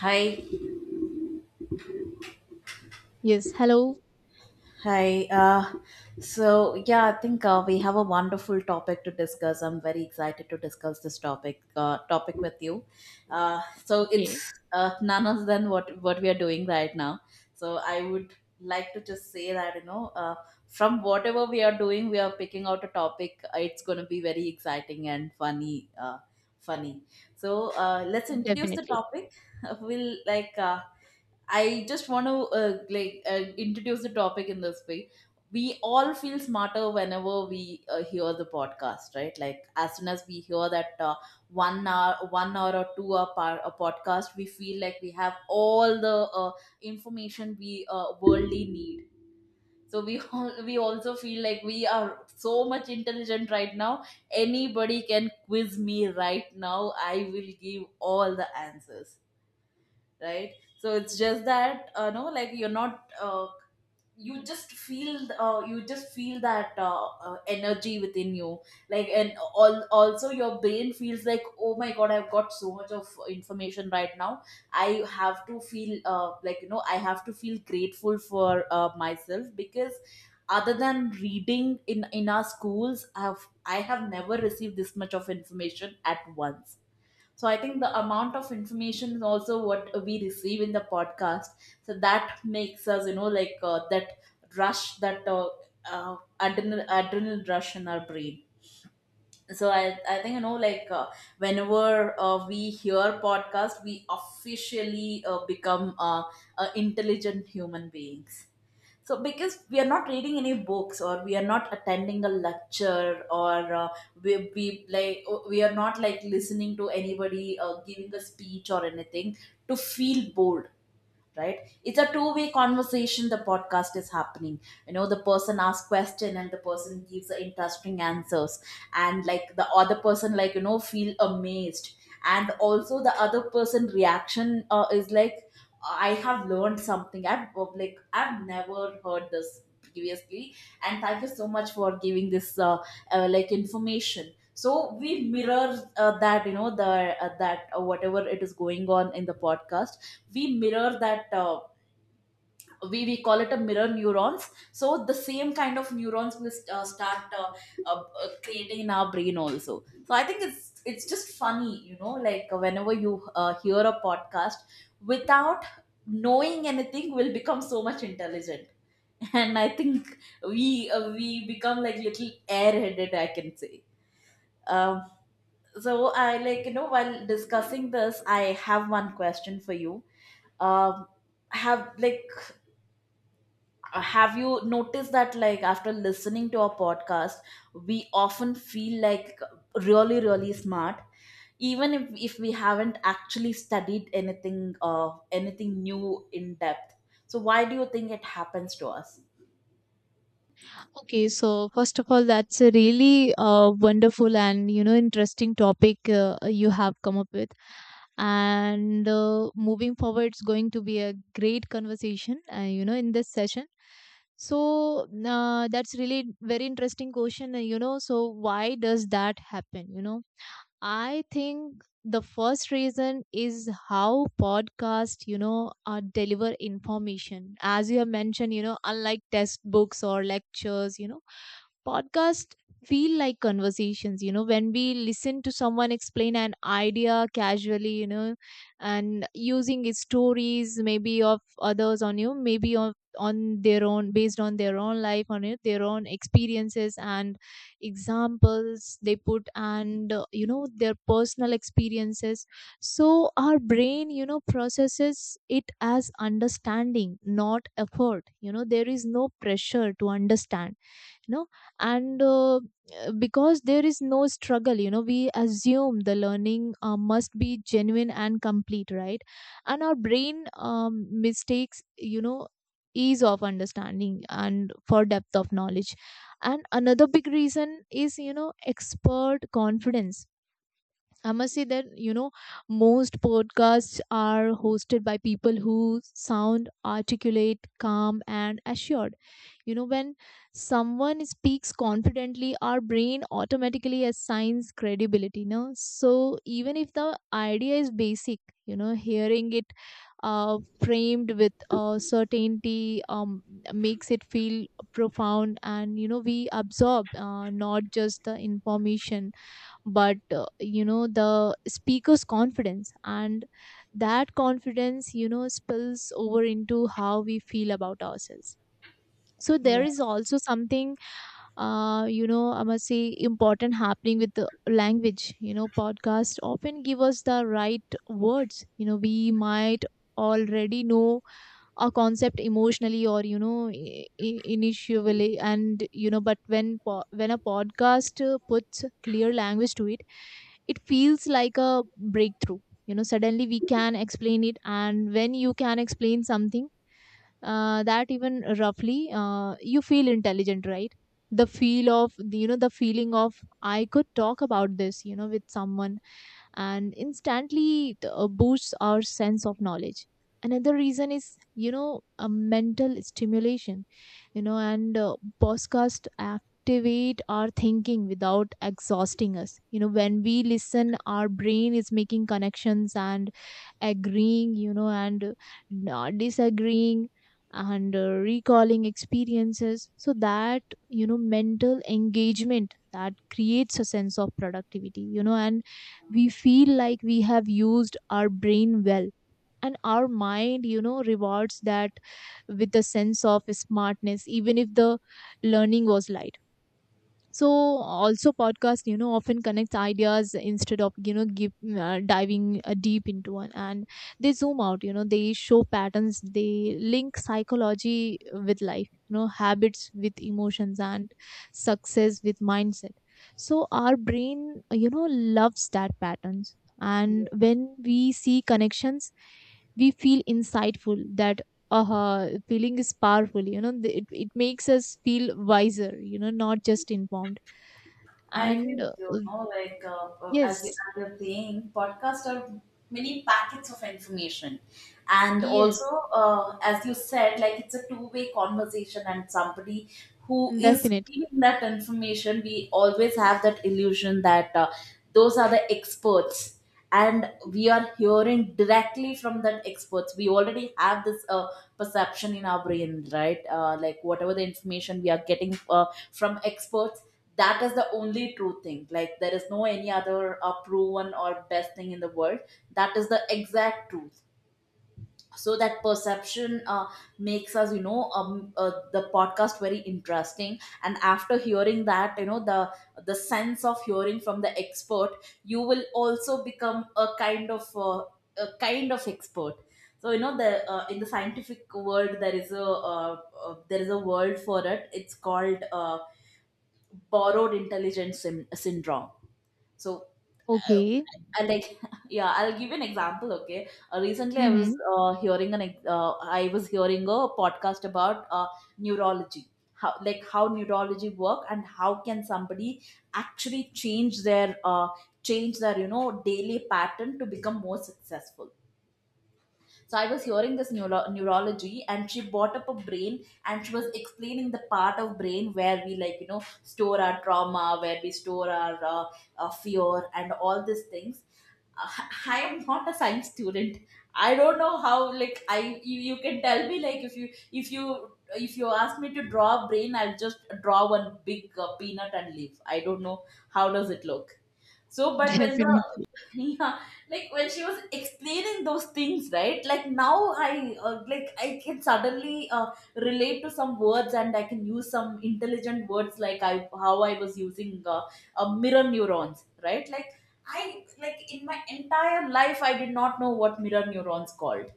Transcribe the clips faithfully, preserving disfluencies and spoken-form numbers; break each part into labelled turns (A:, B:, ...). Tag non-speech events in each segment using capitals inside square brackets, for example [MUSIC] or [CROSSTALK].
A: Hi,
B: Yes, hello.
A: hi. Uh, so yeah, I think uh, we have a wonderful topic to discuss. I'm very excited to discuss this topic uh, topic with you. Uh, so
B: Okay,
A: it's uh, none other than what what we are doing right now. So I would like to just say that you know, uh, from whatever we are doing, we are picking out a topic. Uh, It's going to be very exciting and funny. Uh, funny. So uh, let's introduce the
B: definitely.
A: topic. [LAUGHS] We'll like. Uh, I just want to uh, like uh, introduce the topic in this way. We all feel smarter whenever we uh, hear the podcast, right? Like, as soon as we hear that uh, one hour, one hour or two hour par- a podcast, we feel like we have all the uh, information we uh, worldly need. So we [LAUGHS] all, we also feel like we are so much intelligent right now. Anybody can quiz me right now. I will give all the answers, right? So it's just that uh, no, like, you're not uh, you just feel uh, you just feel that uh, uh, energy within you, like, and all, also your brain feels like, oh my God, I've got so much of information right now. I have to feel uh, like you know I have to feel grateful for uh, myself, because, other than reading in in our schools, i have i have never received this much of information at once. So I think the amount of information is also what we receive in the podcast. So that makes us, you know, like uh, that rush, that uh, uh, adrenal adrenal rush in our brain. So I, I think, you know like uh, whenever uh, we hear podcast, we officially uh, become uh, uh, intelligent human beings. So, because we are not reading any books or we are not attending a lecture, or uh, we, we like uh, we are not like listening to anybody uh, giving a speech or anything to feel bored, right? It's a two way conversation, the podcast is happening, you know, the person asks question and the person gives the interesting answers, and, like, the other person, like, you know, feel amazed. And also the other person reaction uh, is like, I have learned something, i've like I've never heard this previously, and thank you so much for giving this uh, uh, like information. So we mirror uh, that, you know the uh, that uh, whatever it is going on in the podcast, we mirror that. uh, we, we call it a mirror neurons, so the same kind of neurons will st- uh, start uh, uh, uh, creating in our brain also. So I think it's it's just funny, you know like uh, whenever you uh, hear a podcast without knowing anything, will become so much intelligent. [LAUGHS] And I think we uh, we become like little airheaded, I can say. Um, so i like you know while discussing this, I have one question for you. um have like Uh, have you noticed that, like, after listening to our podcast, we often feel like really, really smart, even if, if we haven't actually studied anything uh, anything new in depth, so why do you think it happens to us?
B: Okay, so first of all, that's a really uh, wonderful and you know interesting topic uh, you have come up with, and uh, moving forward, it's going to be a great conversation. Uh, you know, in this session. So uh, that's really very interesting question. Uh, You know, so why does that happen? You know, I think the first reason is how podcast, you know, uh, deliver information. As you have mentioned, you know, unlike textbooks or lectures, you know, podcast feel like conversations. You know when we listen to someone explain an idea casually, you know, and using his stories maybe of others on you, maybe of on their own based on their own life on it, their own experiences and examples they put, and uh, you know their personal experiences. So our brain you know processes it as understanding, not effort. You know there is no pressure to understand. You know and uh, uh, Because there is no struggle, you know, we assume the learning uh, must be genuine and complete, right? And our brain um, mistakes, you know, ease of understanding and for depth of knowledge. And another big reason is, you know, expert confidence. I must say that, you know, most podcasts are hosted by people who sound articulate, calm, and assured. You know, when someone speaks confidently, our brain automatically assigns credibility, no? So even if the idea is basic, you know, hearing it uh, framed with uh, certainty um, makes it feel profound. And, you know, we absorb uh, not just the information but uh, you know the speaker's confidence, and that confidence you know spills over into how we feel about ourselves. So there is also something uh, you know I must say important happening with the language. You know podcasts often give us the right words. You know we might already know a concept emotionally, or you know i- i- initially, and you know. But when po- when a podcast uh, puts clear language to it, it feels like a breakthrough. You know, suddenly we can explain it, and when you can explain something uh, that, even roughly, uh, you feel intelligent, right? The feel of the- you know the feeling of I could talk about this, you know, with someone, and instantly it uh, boosts our sense of knowledge. Another reason is, you know, a mental stimulation. You know and uh, Podcast activate our thinking without exhausting us. You know when we listen, our brain is making connections and agreeing, you know and uh, not disagreeing, and uh, recalling experiences. So that, you know, mental engagement, that creates a sense of productivity, you know, and we feel like we have used our brain well, and our mind you know rewards that with a sense of smartness even if the learning was light. So also podcast you know often connects ideas instead of you know give, uh, diving uh, deep into one. And they zoom out, you know, they show patterns, they link psychology with life, you know, habits with emotions, and success with mindset. So our brain uh, you know loves that patterns, and when we see connections, we feel insightful. That uh feeling is powerful. You know, th- it, it makes us feel wiser, you know, not just informed.
A: I agree
B: And
A: with
B: uh,
A: you. No, like, uh, uh, as you
B: Yes,
A: are saying, podcasts are many packets of information, and
B: yes,
A: also, uh, as you said, like, it's a two-way conversation, and somebody who is
B: definitely.
A: giving that information, we always have that illusion that uh, those are the experts and we are hearing directly from that experts. We already have this uh, perception in our brain, right? Uh, like, whatever the information we are getting uh, from experts, that is the only true thing, like there is no any other uh, proven or best thing in the world, that is the exact truth. So that perception uh, makes us, you know, um, uh, the podcast very interesting, and after hearing that, you know, the the sense of hearing from the expert, you will also become a kind of uh, a kind of expert. So, you know, the uh, in the scientific world there is a uh, uh, there is a word for it, it's called uh, borrowed intelligence syn- syndrome. so uh,
B: Okay.
A: I like [LAUGHS] yeah, I'll give you an example. Okay, uh, recently I was
B: Mm-hmm.
A: uh, hearing an ex- uh, I was hearing a podcast about uh, neurology, how, like, how neurology work, and how can somebody actually change their uh, change their, you know, daily pattern to become more successful. So I was hearing this neuro- neurology, and she brought up a brain, and she was explaining the part of brain where we, like, you know, store our trauma, where we store our uh, uh, fear, and all these things. Uh, [LAUGHS] I am not a science student. I don't know how, like, I you, you can tell me, like, if you if you if you ask me to draw a brain, I'll just draw one big uh, peanut and leave. I don't know how does it look. So,
B: [LAUGHS]
A: but when the
B: Definitely.
A: [LAUGHS] Yeah, like, when she was explaining those things, right? Like now, I uh, like I can suddenly uh, relate to some words, and I can use some intelligent words, like, I how I was using uh, uh, mirror neurons, right? Like I like, in my entire life, I did not know what mirror neurons called.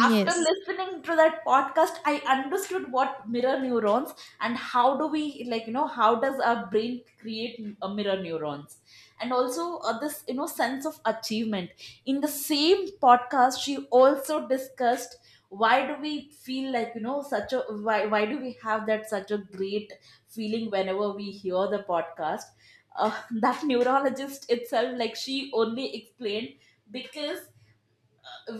A: After listening to that podcast I understood what mirror neurons, and how do we, like, you know, how does our brain create a mirror neurons, and also uh, this, you know, sense of achievement. In the same podcast she also discussed, why do we feel like, you know, such a why, why, do we have that such a great feeling whenever we hear the podcast. Uh, [LAUGHS] that neurologist itself, like, she only explained, because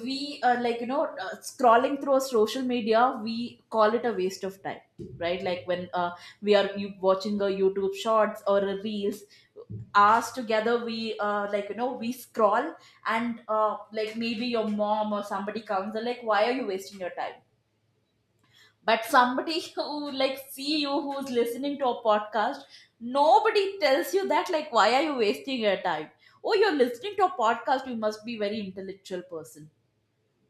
A: we are, like, you know, uh, scrolling through our social media, we call it a waste of time, right? Like, when uh, we are you watching a YouTube shorts or a reels, us together we uh, like you know we scroll, and uh, like, maybe your mom or somebody comes and, like, why are you wasting your time? But somebody [LAUGHS] who, like, see you who's listening to a podcast, nobody tells you that, like, why are you wasting your time? Oh, you're listening to a podcast, you must be very intellectual person,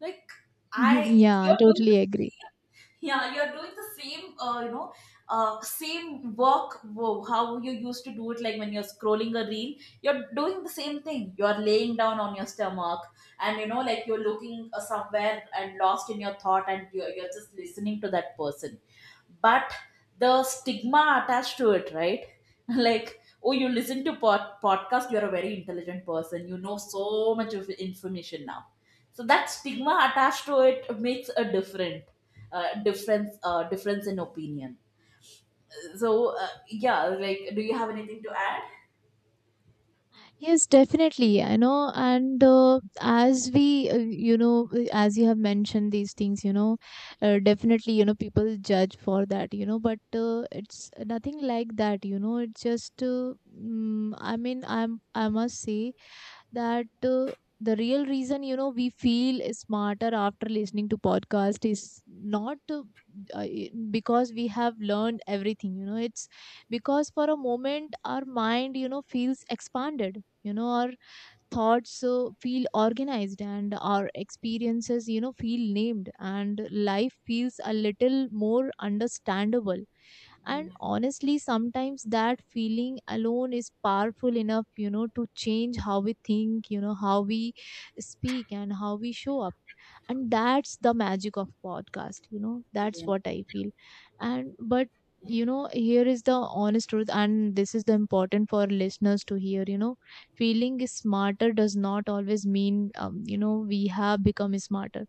A: like.
B: Mhm.
A: I
B: Yeah,
A: You're doing the
B: totally agree.
A: same, yeah, you're doing the same, uh, you know, uh, same work wo-, how you used to do it, like, when you're scrolling a reel, you're doing the same thing, you're laying down on your stomach, and, you know, like, you're looking uh, somewhere and lost in your thought, and you're, you're just listening to that person, but the stigma attached to it, right? [LAUGHS] Like, oh, you listen to pod- podcast, you're a very intelligent person, you know so much of information now. So that stigma attached to it makes a different uh, difference uh, difference in opinion. So uh, yeah, like, do you have anything to add?
B: Yes, definitely. I know. And uh, As we, uh, you know, uh, as you have mentioned these things, you know, uh, definitely, you know, people judge for that, you know, but uh, it's nothing like that, you know, it's just, uh, mm, I mean, I'm, I must say, that uh, the real reason you know we feel smarter after listening to podcast is not uh, uh, because we have learned everything. You know, it's because for a moment our mind you know feels expanded. You know our thoughts uh, feel organized, and our experiences you know feel named, and life feels a little more understandable. And honestly, sometimes that feeling alone is powerful enough, you know, to change how we think, you know, how we speak, and how we show up. And that's the magic of podcast, you know, that's
A: Yeah.
B: what I feel. And but you know here is the honest truth, and this is the important for listeners to hear. You know feeling smarter does not always mean, um, you know, we have become smarter.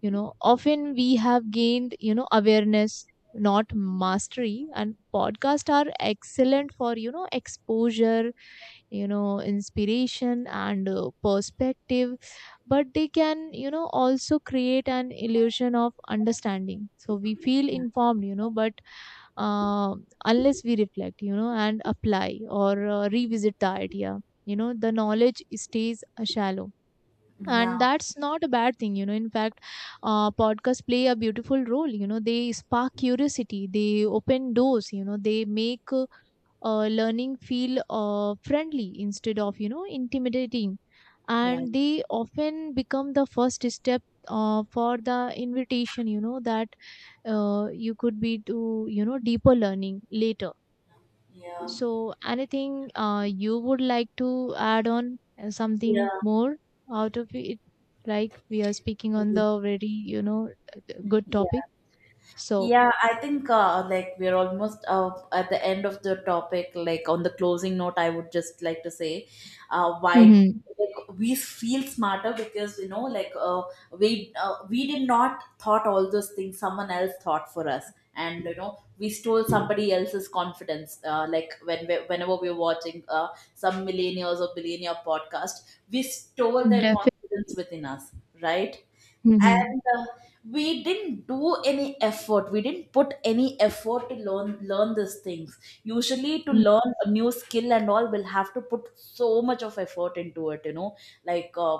B: You know often we have gained, you know, awareness, not mastery. And podcasts are excellent for, you know, exposure, you know, inspiration, and uh, perspective. But they can, you know, also create an illusion of understanding, so we feel informed, you know, but uh, unless we reflect, you know, and apply, or uh, revisit the idea, you know, the knowledge stays uh, shallow.
A: Yeah.
B: And that's not a bad thing, you know, in fact, uh, podcasts play a beautiful role. You know they spark curiosity, they open doors, you know, they make uh, uh, learning feel uh, friendly instead of, you know, intimidating.
A: Yeah.
B: And they often become the first step, uh, for the invitation, you know, that uh, you could be to, you know, deeper learning later.
A: Yeah.
B: So anything uh, you would like to add on, uh, something
A: Yeah.
B: more out of it? Like we are speaking on the very you know good topic.
A: Yeah.
B: So
A: Yeah, I think, uh, like, we're almost uh, at the end of the topic. Like, on the closing note, I would just like to say, uh, why,
B: Mm-hmm.
A: like, we feel smarter, because, you know, like uh, we uh, we did not thought all those things, someone else thought for us, and, you know, we stole somebody else's confidence. Uh, like, when we, whenever we were watching uh, some millennials or billionaire podcast, we stole their
B: Definitely.
A: confidence within us, right?
B: Mm-hmm.
A: And uh, we didn't do any effort, we didn't put any effort to learn learn these things. Usually to learn a new skill and all, we'll have to put so much of effort into it, you know, like uh,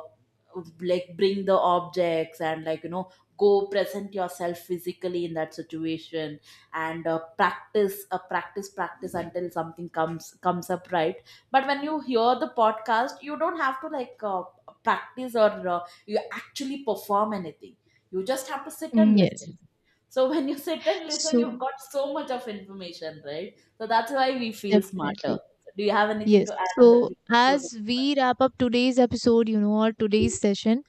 A: like, bring the objects, and, like, you know, go present yourself physically in that situation, and uh, practice, uh, practice practice until something comes comes up, right? But when you hear the podcast, you don't have to, like uh, practice, or uh, you actually perform anything. You just have to sit and listen.
B: Yes.
A: So when you sit and listen, you've
B: So
A: got so much of information, right? So that's why we feel smarter.
B: definitely.
A: So do you have anything
B: Yes.
A: to add on the
B: So,
A: closing
B: as
A: part?
B: we wrap up today's episode, you know, or today's session,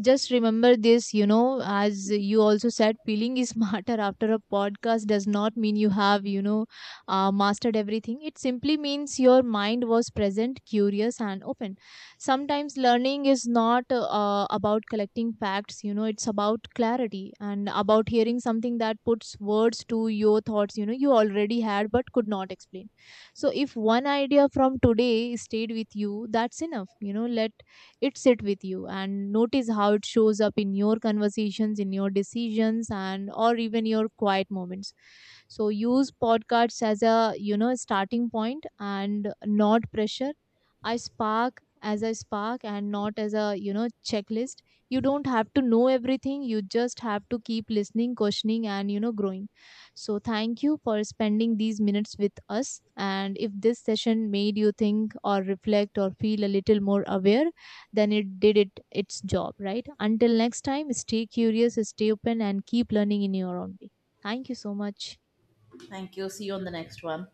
B: just remember this, you know, as you also said, feeling is [LAUGHS] smarter after a podcast does not mean you have, you know, uh, mastered everything. It simply means your mind was present, curious, and open. Sometimes learning is not uh, about collecting facts, you know, it's about clarity, and about hearing something that puts words to your thoughts, you know, you already had but could not explain. So if one idea from today stayed with you, that's enough. You know let it sit with you, and notice how it shows up in your conversations, in your decisions, and or even your quiet moments. So use podcasts as a, you know, starting point, and not pressure. I spark as a spark, and not as a, you know, checklist. You don't have to know everything, you just have to keep listening, questioning, and, you know, growing. So, thank you for spending these minutes with us. And if this session made you think, or reflect, or feel a little more aware, then it did it its job, right? Until next time, stay curious, stay open, and keep learning in your own way. Thank you so much.
A: Thank you. See you on the next one.